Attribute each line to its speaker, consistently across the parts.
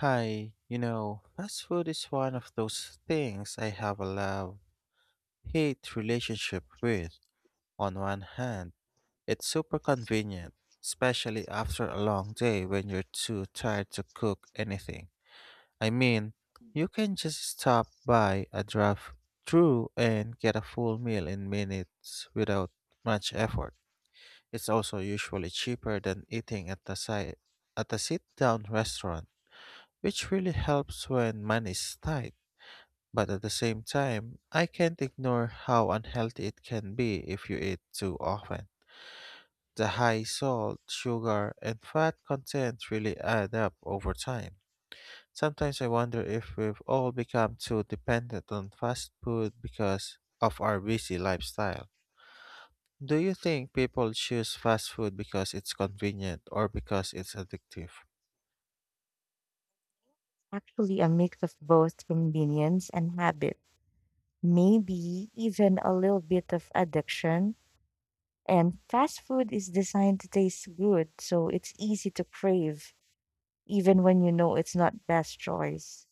Speaker 1: Hi, you know, fast food is one of those things I have a love hate relationship with. On one hand, it's super convenient, especially after a long day when you're too tired to cook anything. I mean, you can just stop by a drive through and get a full meal in minutes without much effort. It's also usually cheaper than eating at a sit down restaurant, which really helps when money is tight. But at the same time, I can't ignore how unhealthy it can be if you eat too often. The high salt, sugar, and fat content really add up over time. Sometimes I wonder if we've all become too dependent on fast food because of our busy lifestyle. Do you think people choose fast food because it's convenient or because it's addictive?
Speaker 2: Actually, a mix of both convenience and habit, maybe even a little bit of addiction. And fast food is designed to taste good, so it's easy to crave, even when you know it's not best choice.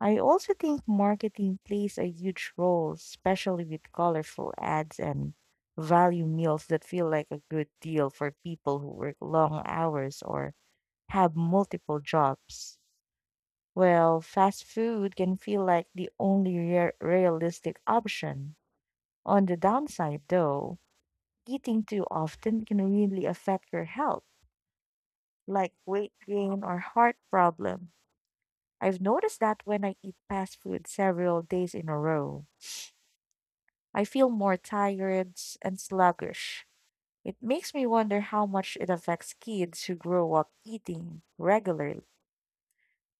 Speaker 2: I also think marketing plays a huge role, especially with colorful ads and value meals that feel like a good deal for people who work long hours or have multiple jobs. Well, fast food can feel like the only realistic option. On the downside, though, eating too often can really affect your health, like weight gain or heart problem. I've noticed that when I eat fast food several days in a row, I feel more tired and sluggish. It makes me wonder how much it affects kids who grow up eating regularly.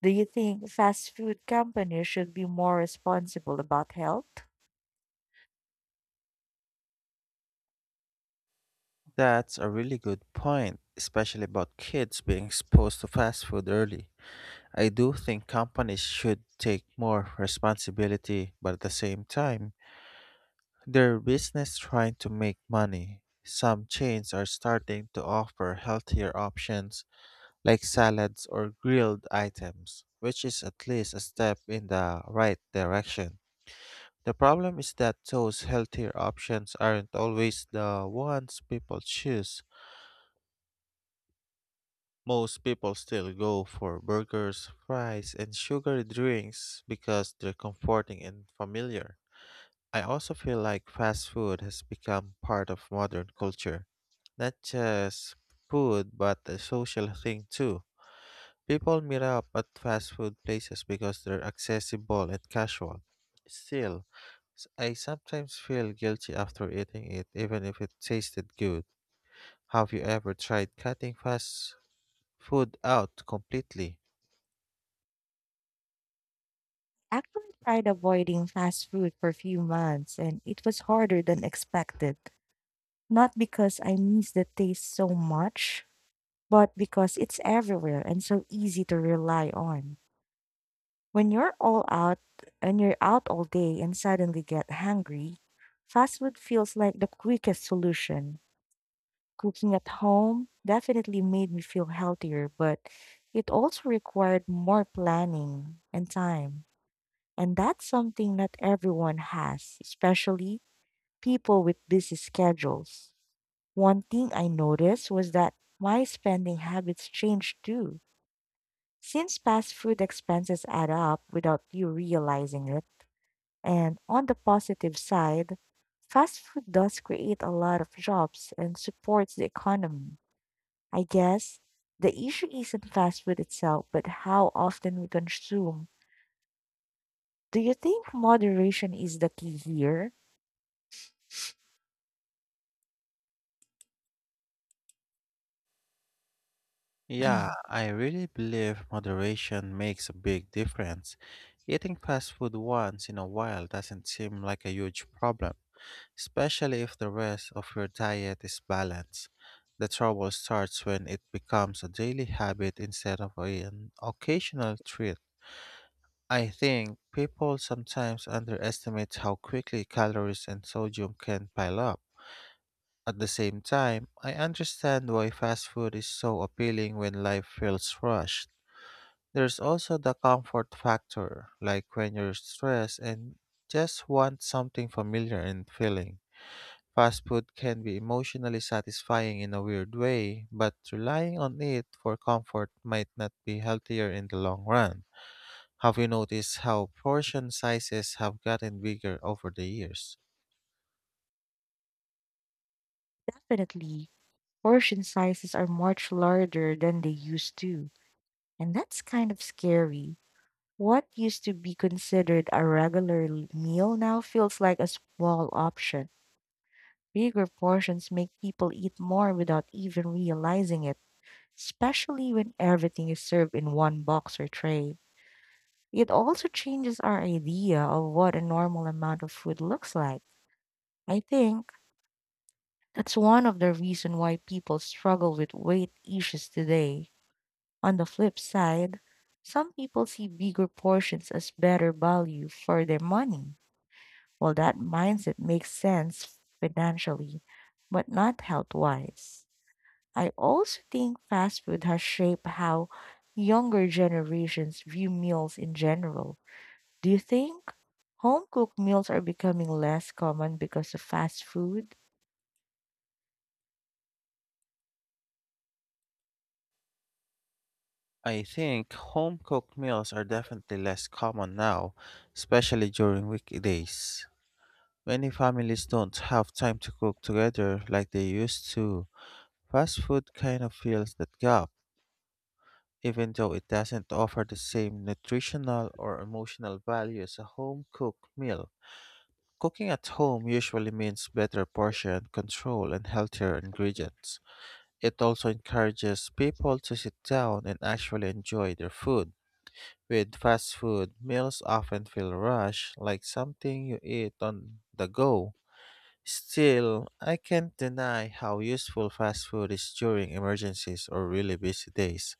Speaker 2: Do you think fast food companies should be more responsible about health?
Speaker 1: That's a really good point, especially about kids being exposed to fast food early. I do think companies should take more responsibility, but at the same time, their business trying to make money. Some chains are starting to offer healthier options like salads or grilled items, which is at least a step in the right direction. The problem is that those healthier options aren't always the ones people choose. Most people still go for burgers, fries, and sugary drinks because they're comforting and familiar. I also feel like fast food has become part of modern culture. Not just food, but a social thing too. People meet up at fast food places because they're accessible and casual. Still, I sometimes feel guilty after eating it, even if it tasted good. Have you ever tried cutting fast food out completely?
Speaker 2: Actually tried avoiding fast food for a few months, and it was harder than expected. Not because I miss the taste so much, but because it's everywhere and so easy to rely on. When you're out all day and suddenly get hungry, fast food feels like the quickest solution. Cooking at home definitely made me feel healthier, but it also required more planning and time. And that's something not everyone has, especially people with busy schedules. One thing I noticed was that my spending habits changed too. Since fast food expenses add up without you realizing it, and on the positive side, fast food does create a lot of jobs and supports the economy. I guess the issue isn't fast food itself, but how often we consume. Do you think moderation is the key here?
Speaker 1: Yeah, I really believe moderation makes a big difference. Eating fast food once in a while doesn't seem like a huge problem, especially if the rest of your diet is balanced. The trouble starts when it becomes a daily habit instead of an occasional treat. I think people sometimes underestimate how quickly calories and sodium can pile up. At the same time, I understand why fast food is so appealing when life feels rushed. There's also the comfort factor, like when you're stressed and just want something familiar and filling. Fast food can be emotionally satisfying in a weird way, but relying on it for comfort might not be healthier in the long run. Have you noticed how portion sizes have gotten bigger over the years?
Speaker 2: Definitely, portion sizes are much larger than they used to, and that's kind of scary. What used to be considered a regular meal now feels like a small option. Bigger portions make people eat more without even realizing it, especially when everything is served in one box or tray. It also changes our idea of what a normal amount of food looks like. I think that's one of the reasons why people struggle with weight issues today. On the flip side, some people see bigger portions as better value for their money. Well, that mindset makes sense financially, but not health wise. I also think fast food has shaped how younger generations view meals in general. Do you think home cooked meals are becoming less common because of fast food?
Speaker 1: I think home cooked meals are definitely less common now, especially during weekdays. Many families don't have time to cook together like they used to. Fast food kind of fills that gap, even though it doesn't offer the same nutritional or emotional value as a home cooked meal. Cooking at home usually means better portion control and healthier ingredients. It also encourages people to sit down and actually enjoy their food. With fast food, meals often feel rushed, like something you eat on the go. Still, I can't deny how useful fast food is during emergencies or really busy days.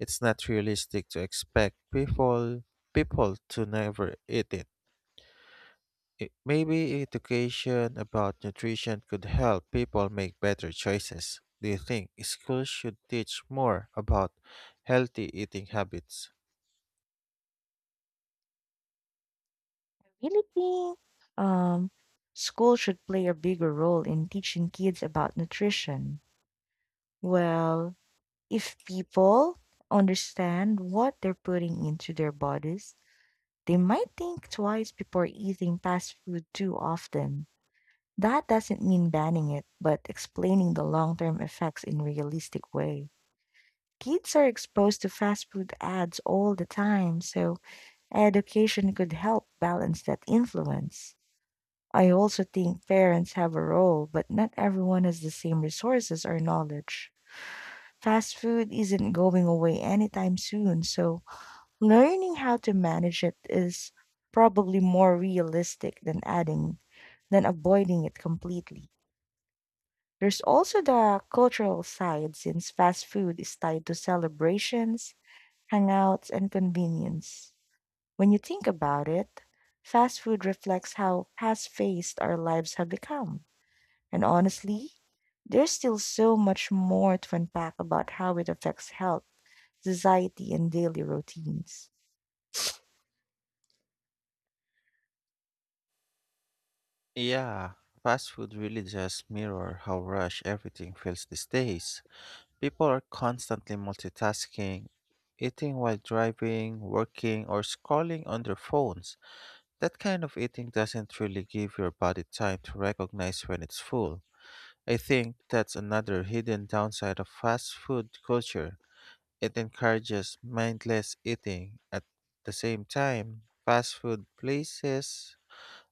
Speaker 1: It's not realistic to expect people to never eat it. Maybe education about nutrition could help people make better choices. Do you think schools should teach more about healthy eating habits?
Speaker 2: I really think um, school should play a bigger role in teaching kids about nutrition. Well, if people understand what they're putting into their bodies, they might think twice before eating fast food too often. That doesn't mean banning it, but explaining the long term effects in realistic way. Kids are exposed to fast food ads all the time, so education could help balance that influence. I also think parents have a role, but not everyone has the same resources or knowledge. Fast food isn't going away anytime soon, so learning how to manage it is probably more realistic than avoiding it completely. There's also the cultural side since fast food is tied to celebrations, hangouts, and convenience. When you think about it, fast food reflects how fast-paced our lives have become. And honestly, there's still so much more to unpack about how it affects health society, and daily routines.
Speaker 1: Yeah, fast food really just mirror how rush everything feels these days. People are constantly multitasking, eating while driving, working, or scrolling on their phones. That kind of eating doesn't really give your body time to recognize when it's full. I think that's another hidden downside of fast food culture. It encourages mindless eating. At the same time, fast food places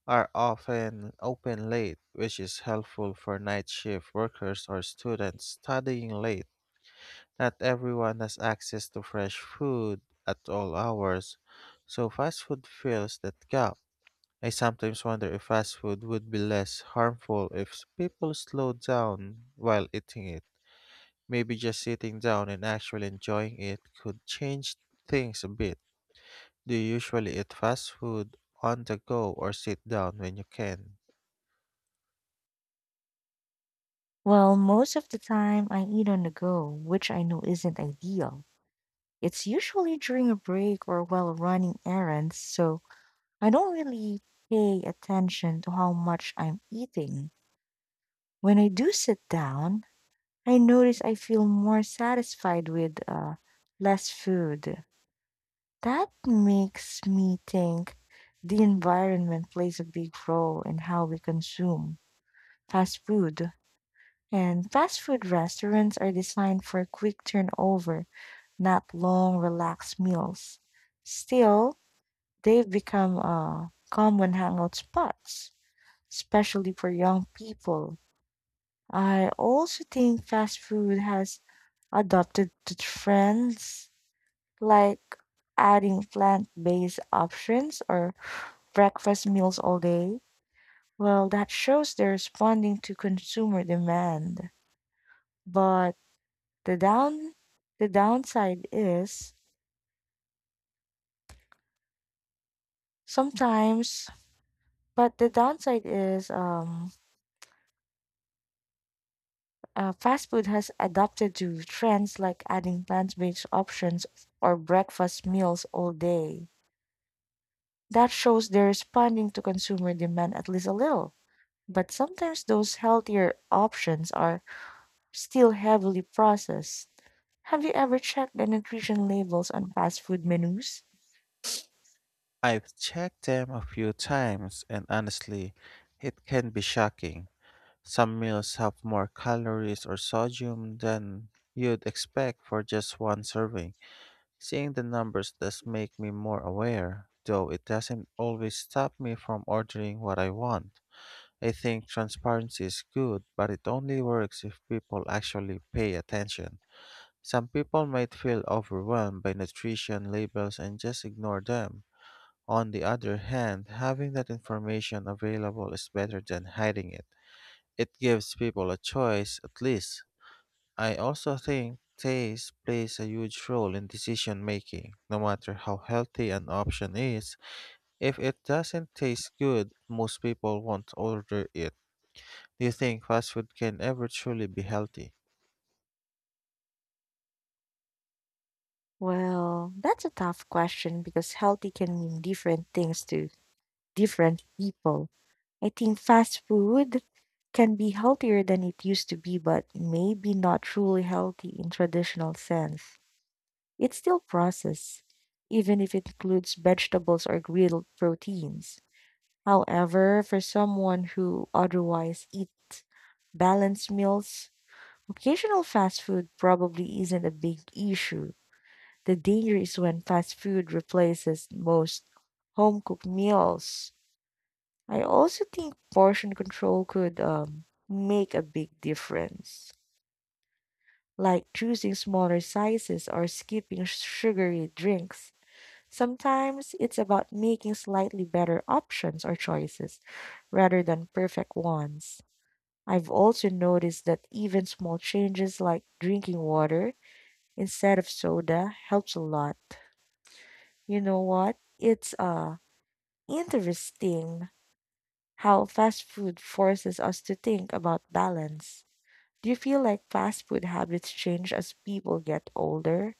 Speaker 1: are often open late, which is helpful for night shift workers or students studying late. Not everyone has access to fresh food at all hours, so fast food fills that gap. I sometimes wonder if fast food would be less harmful if people slowed down while eating it. Maybe just sitting down and actually enjoying it could change things a bit. Do you usually eat fast food on the go or sit down when you can?
Speaker 2: Well, most of the time I eat on the go, which I know isn't ideal. It's usually during a break or while running errands, so I don't really pay attention to how much I'm eating. When I do sit down, I notice I feel more satisfied with less food. That makes me think the environment plays a big role in how we consume fast food. And fast food restaurants are designed for quick turnover, not long, relaxed meals. Still, they've become common hangout spots, especially for young people. I also think fast food has adopted the trends like adding plant-based options or breakfast meals all day. Well, that shows they're responding to consumer demand. But The down the downside is sometimes but the downside is fast food has adapted to trends like adding plant-based options or breakfast meals all day. That shows they're responding to consumer demand at least a little. But sometimes those healthier options are still heavily processed. Have you ever checked the nutrition labels on fast food menus?
Speaker 1: I've checked them a few times, and honestly, it can be shocking. Some meals have more calories or sodium than you'd expect for just one serving. Seeing the numbers does make me more aware, though it doesn't always stop me from ordering what I want. I think transparency is good, but it only works if people actually pay attention. Some people might feel overwhelmed by nutrition labels and just ignore them. On the other hand, having that information available is better than hiding it. It gives people a choice, at least. I also think taste plays a huge role in decision making. No matter how healthy an option is, if it doesn't taste good, most people won't order it. Do you think fast food can ever truly be healthy?
Speaker 2: Well, that's a tough question because healthy can mean different things to different people. I think fast food can be healthier than it used to be, but maybe not truly healthy in traditional sense. It's still processed, even if it includes vegetables or grilled proteins. However, for someone who otherwise eats balanced meals, occasional fast food probably isn't a big issue the danger is when fast food replaces most home cooked meals. I also think portion control could make a big difference, like choosing smaller sizes or skipping sugary drinks. Sometimes it's about making slightly better options or choices rather than perfect ones. I've also noticed that even small changes like drinking water instead of soda helps a lot. You know what? It's interesting how fast food forces us to think about balance. Do you feel like fast food habits change as people get older?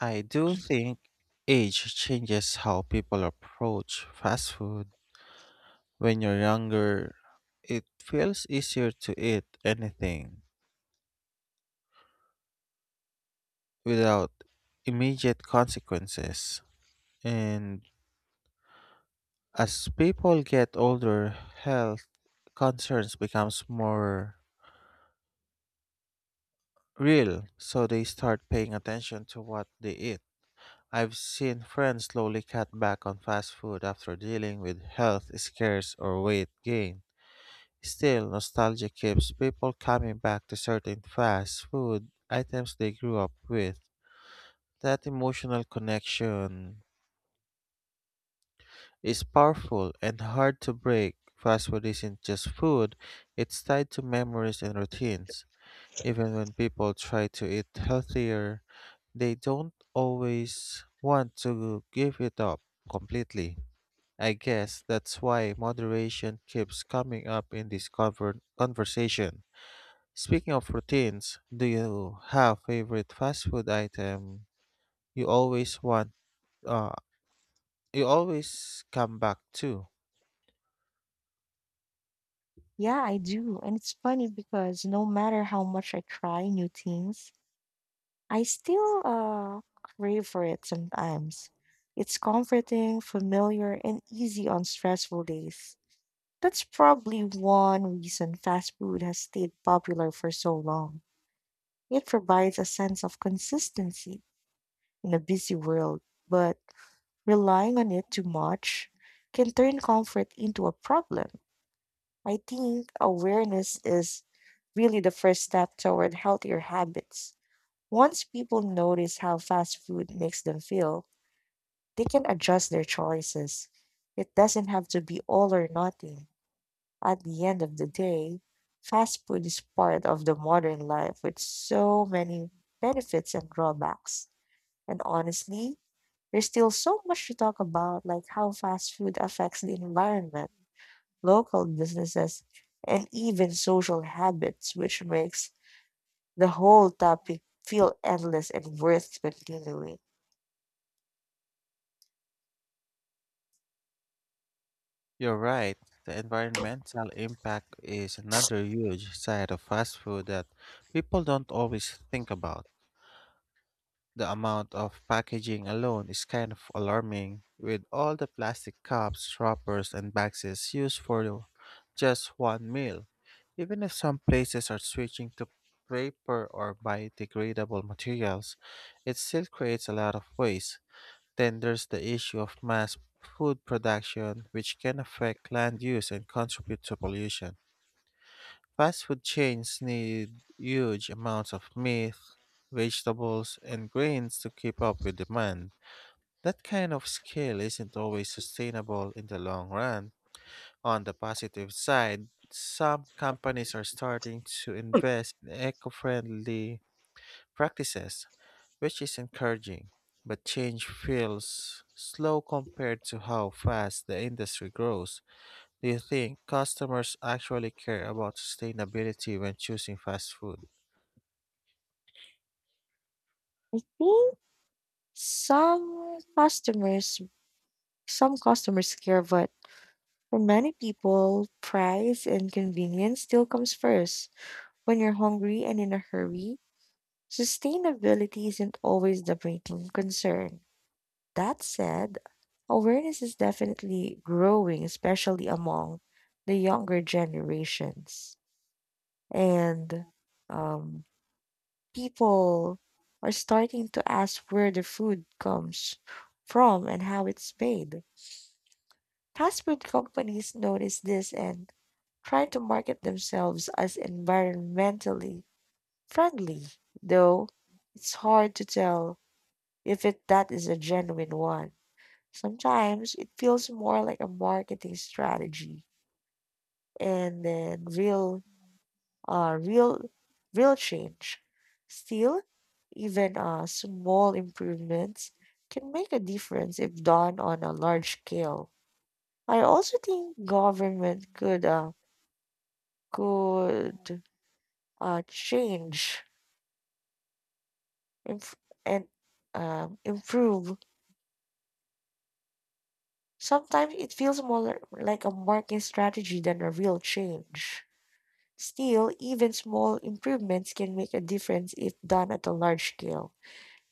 Speaker 1: I do think age changes how people approach fast food. When you're younger, it feels easier to eat anything without immediate consequences. And as people get older, health concerns becomes more real, so they start paying attention to what they eat. I've seen friends slowly cut back on fast food after dealing with health scares or weight gain. Still, nostalgia keeps people coming back to certain fast food items they grew up with. That emotional connection is powerful and hard to break. Fast food isn't just food, it's tied to memories and routines. Even when people try to eat healthier, they don't always want to give it up completely. I guess that's why moderation keeps coming up in this conversation. Speaking of routines, do you have favorite fast food item you always want uh, you always come back to?
Speaker 2: Yeah, I do. And it's funny because no matter how much I try new things, I still crave for it sometimes. It's comforting, familiar, and easy on stressful days. That's probably one reason fast food has stayed popular for so long. It provides a sense of consistency in a busy world, but relying on it too much can turn comfort into a problem. I think awareness is really the first step toward healthier habits. Once people notice how fast food makes them feel, they can adjust their choices. It doesn't have to be all or nothing. At the end of the day, fast food is part of the modern life with so many benefits and drawbacks. And honestly, there's still so much to talk about, like how fast food affects the environment, local businesses, and even social habits, which makes the whole topic feel endless and worth continuing.
Speaker 1: You're right. The environmental impact is another huge side of fast food that people don't always think about. The amount of packaging alone is kind of alarming, with all the plastic cups, wrappers, and boxes used for just one meal. Even if some places are switching to paper or biodegradable materials, it still creates a lot of waste. Then there's the issue of mass food production, which can affect land use and contribute to pollution. Fast food chains need huge amounts of meat, vegetables, and grains to keep up with demand. That kind of scale isn't always sustainable in the long run. On the positive side, some companies are starting to invest in eco friendly practices, which is encouraging. But change feels slow compared to how fast the industry grows. Do you think customers actually care about sustainability when choosing fast food?
Speaker 2: Hmm, Some customers, some customers care, but for many people, price and convenience still comes first. When you're hungry and in a hurry, sustainability isn't always the main concern. That said, awareness is definitely growing, especially among the younger generations. And um, people are starting to ask where the food comes from and how it's made. Fast food companies notice this and try to market themselves as environmentally friendly, though it's hard to tell if it, that is a genuine one. Sometimes it feels more like a marketing strategy and then uh real real change. Still, even small improvements can make a difference if done on a large scale. I also think government could change inf- and improve. Sometimes it feels more like a marketing strategy than a real change. Still, even small improvements can make a difference if done at a large scale.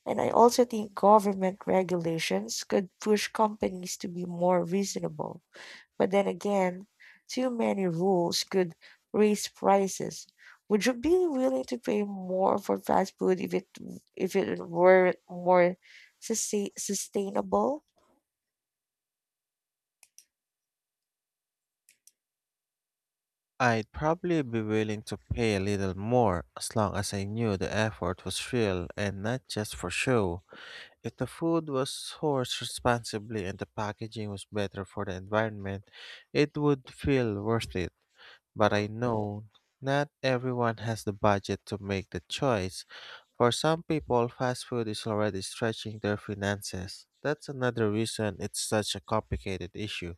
Speaker 2: And I also think government regulations could push companies to be more reasonable. But then again, too many rules could raise prices. Would you be willing to pay more for fast food if it were more sustainable?
Speaker 1: I'd probably be willing to pay a little more as long as I knew the effort was real and not just for show. If the food was sourced responsibly and the packaging was better for the environment, it would feel worth it. But I know not everyone has the budget to make the choice. For some people, fast food is already stretching their finances. That's another reason it's such a complicated issue.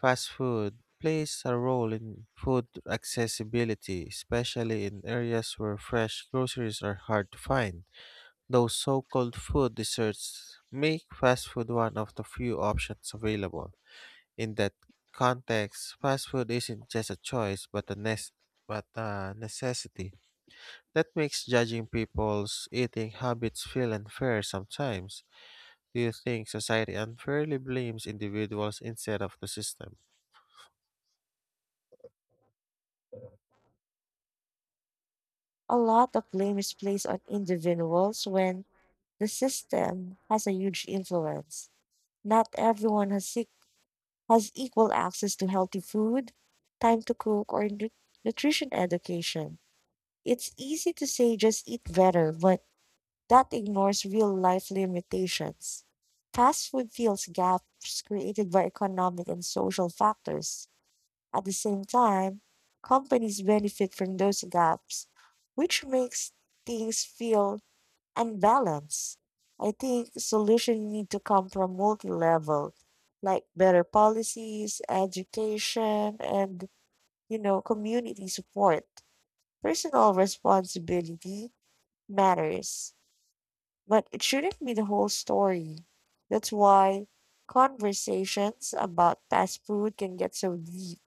Speaker 1: Fast food plays a role in food accessibility, especially in areas where fresh groceries are hard to find. Those so called food desserts make fast food one of the few options available. In that context, fast food isn't just a choice but a necessity. That makes judging people's eating habits feel unfair sometimes. Do you think society unfairly blames individuals instead of the system?
Speaker 2: A lot of blame is placed on individuals when the system has a huge influence. Not everyone has equal access to healthy food, time to cook, or nutrition education. It's easy to say just eat better, but that ignores real life limitations. Fast food fills gaps created by economic and social factors. At the same time, companies benefit from those gaps, which makes things feel and balance. I think solutions need to come from multi-level, like better policies, education, and you know, community support. Personal responsibility matters, but it shouldn't be the whole story. That's why conversations about fast food can get so deep,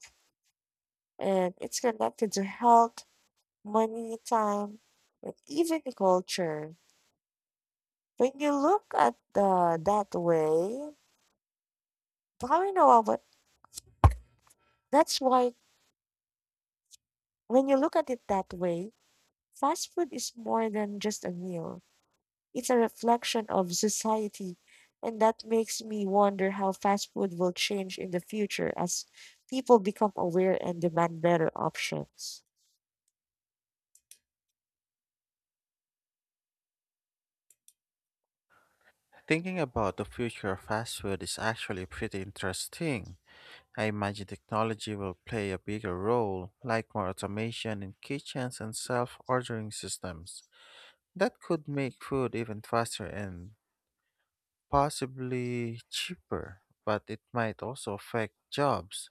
Speaker 2: and it's connected to health, money, time, and even the culture when you look at the that way, How I know, about that's why when you look at it that way, fast food is more than just a meal. It's a reflection of society, and that makes me wonder how fast food will change in the future as people become aware and demand better options.
Speaker 1: Thinking about the future of fast food is actually pretty interesting. I imagine technology will play a bigger role, like more automation in kitchens and self ordering systems. That could make food even faster and possibly cheaper, but it might also affect jobs.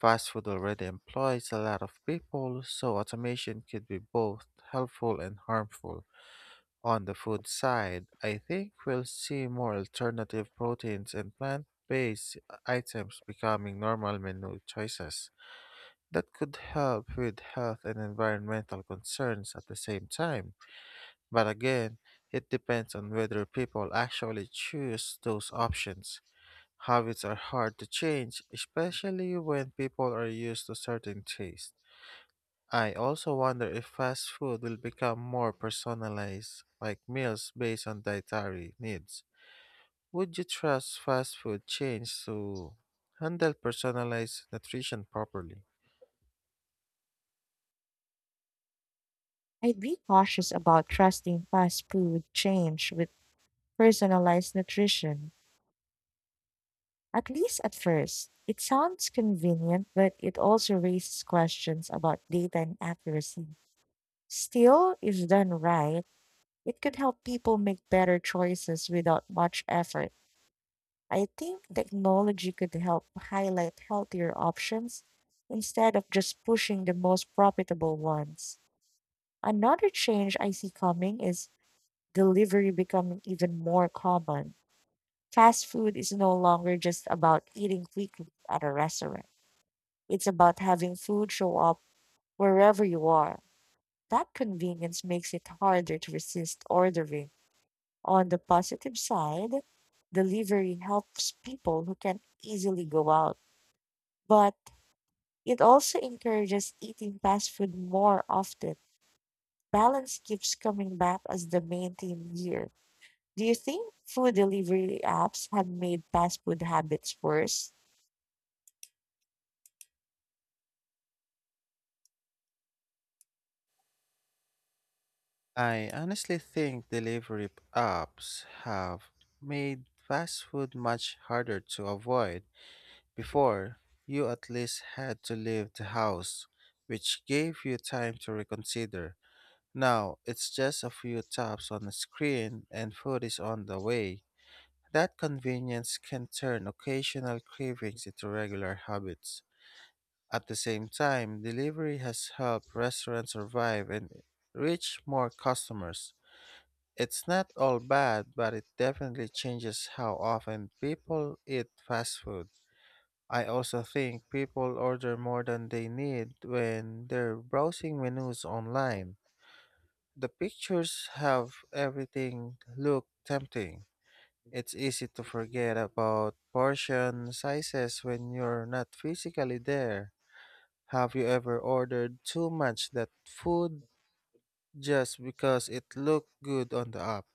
Speaker 1: Fast food already employs a lot of people, so automation could be both helpful and harmful. On the food side, I think we'll see more alternative proteins and plant based items becoming normal menu choices. That could help with health and environmental concerns at the same time. But again, it depends on whether people actually choose those options. Habits are hard to change, especially when people are used to certain tastes. I also wonder if fast food will become more personalized, like meals based on dietary needs. Would you trust fast food chains to handle personalized nutrition properly?
Speaker 2: I'd be cautious about trusting fast food change with personalized nutrition, at least at first. It sounds convenient, but it also raises questions about data and accuracy. Still, if done right, it could help people make better choices without much effort. I think technology could help highlight healthier options instead of just pushing the most profitable ones. Another change I see coming is delivery becoming even more common. Fast food is no longer just about eating quickly at a restaurant. It's about having food show up wherever you are. That convenience makes it harder to resist ordering On the positive side, delivery helps people who can easily go out, but it also encourages eating fast food more often. Balance keeps coming back as the main theme here. Do you think food delivery apps have made fast food habits worse?
Speaker 1: I honestly think delivery apps have made fast food much harder to avoid. Before, you at least had to leave the house, which gave you time to reconsider. Now, it's just a few taps on the screen and food is on the way. That convenience can turn occasional cravings into regular habits. At the same time, delivery has helped restaurants survive and reach more customers. It's not all bad, but it definitely changes how often people eat fast food. I also think people order more than they need when they're browsing menus online. The pictures have everything look tempting. It's easy to forget about portion sizes when you're not physically there. Have you ever ordered too much that food just because it looked good on the app?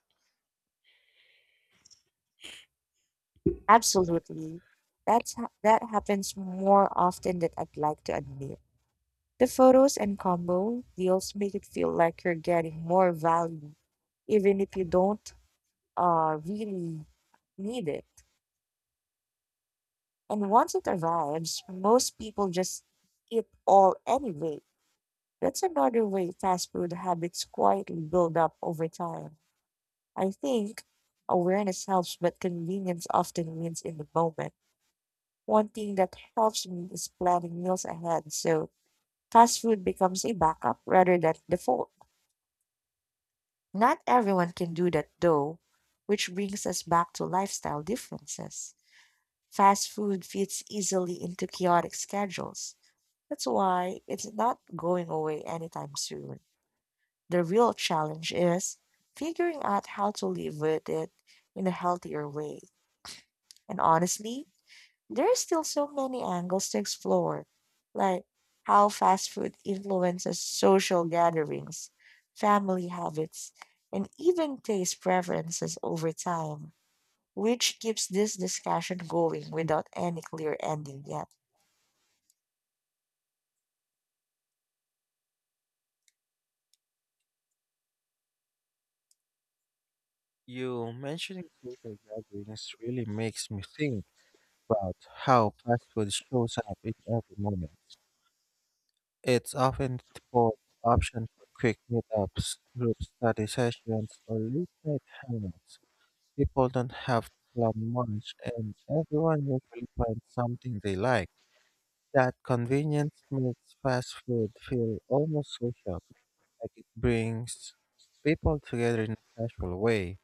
Speaker 2: Absolutely. That happens more often than I'd like to admit. The photos and combo deals make it feel like you're getting more value even if you don't really need it. And once it arrives, most people just eat all anyway. That's another way fast food habits quietly build up over time. I think awareness helps, but convenience often wins in the moment. One thing that helps me is planning meals ahead, so fast food becomes a backup rather than default. Not everyone can do that though, which brings us back to lifestyle differences. Fast food fits easily into chaotic schedules. That's why it's not going away anytime soon. The real challenge is figuring out how to live with it in a healthier way. And honestly, there are still so many angles to explore, like how fast food influences social gatherings, family habits, and even taste preferences over time, which keeps this discussion going without any clear ending yet.
Speaker 1: You mentioning social gatherings really makes me think about how fast food shows up in every moment. It's often called option for quick meetups, group study sessions, or late night hangouts. People don't have to plan much, and everyone usually finds something they like. That convenience makes fast food feel almost social, like it brings people together in a casual way.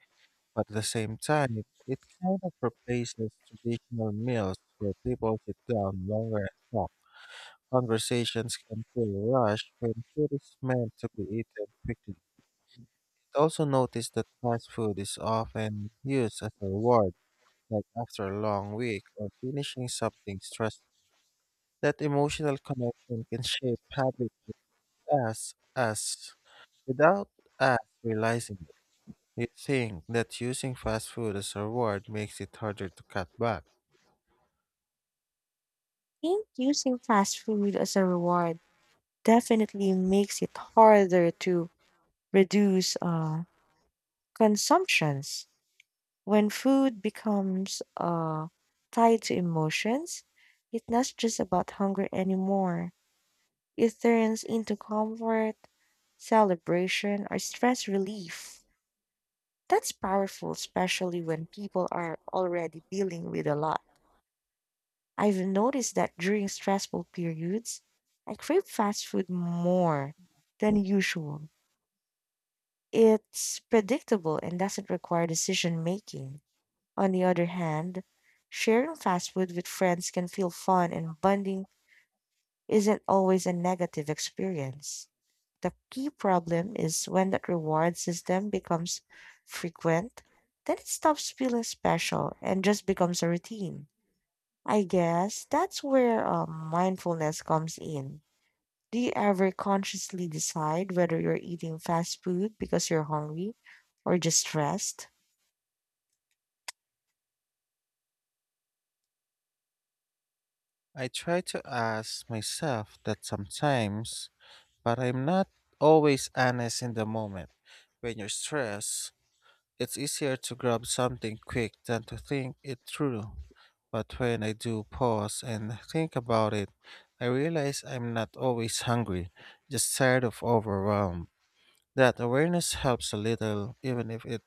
Speaker 1: But at the same time, it kind of replaces traditional meals where people sit down longer and talk. Conversations can feel rushed when food is meant to be eaten quickly. It also noticed that fast food is often used as a reward, like after a long week or finishing something stressful. That emotional connection can shape habits us as without us realizing it. You think that using fast food as a reward makes it harder to cut back.
Speaker 2: Think using fast food as a reward definitely makes it harder to reduce consumptions. When food becomes tied to emotions, it's not just about hunger anymore. It turns into comfort, celebration, or stress relief. That's powerful, especially when people are already dealing with a lot. I've noticed that during stressful periods, I crave fast food more than usual. It's predictable and doesn't require decision making. On the other hand, sharing fast food with friends can feel fun, and bonding isn't always a negative experience. The key problem is when that reward system becomes frequent, then it stops feeling special and just becomes a routine. I guess that's where mindfulness comes in. Do you ever consciously decide whether you're eating fast food because you're hungry or just stressed?
Speaker 1: I try to ask myself that sometimes. But I'm not always honest in the moment. When you're stressed, it's easier to grab something quick than to think it through. But when I do pause and think about it, I realize I'm not always hungry, just tired of overwhelmed. That awareness helps a little,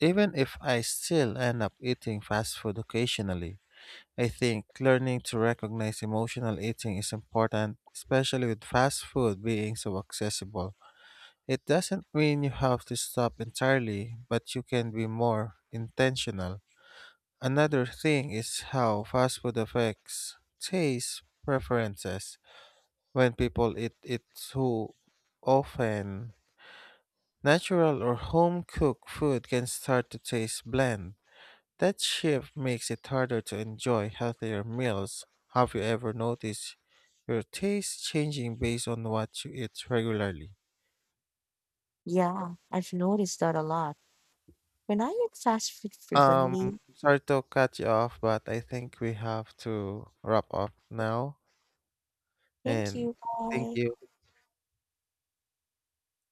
Speaker 1: even if I still end up eating fast food occasionally. I think learning to recognize emotional eating is important, especially with fast food being so accessible. It doesn't mean you have to stop entirely, but you can be more intentional. Another thing is how fast food affects taste preferences. When people eat it too often, natural or home cooked food can start to taste bland. That shift makes it harder to enjoy healthier meals. Have you ever noticed your taste changing based on what you eat regularly?
Speaker 2: Yeah, I've noticed that a lot. When I eat fast food
Speaker 1: Um,
Speaker 2: frequently,
Speaker 1: Sorry to cut you off, but I think we have to wrap up now.
Speaker 2: thank
Speaker 1: And
Speaker 2: you,
Speaker 1: thank
Speaker 2: bye.
Speaker 1: you.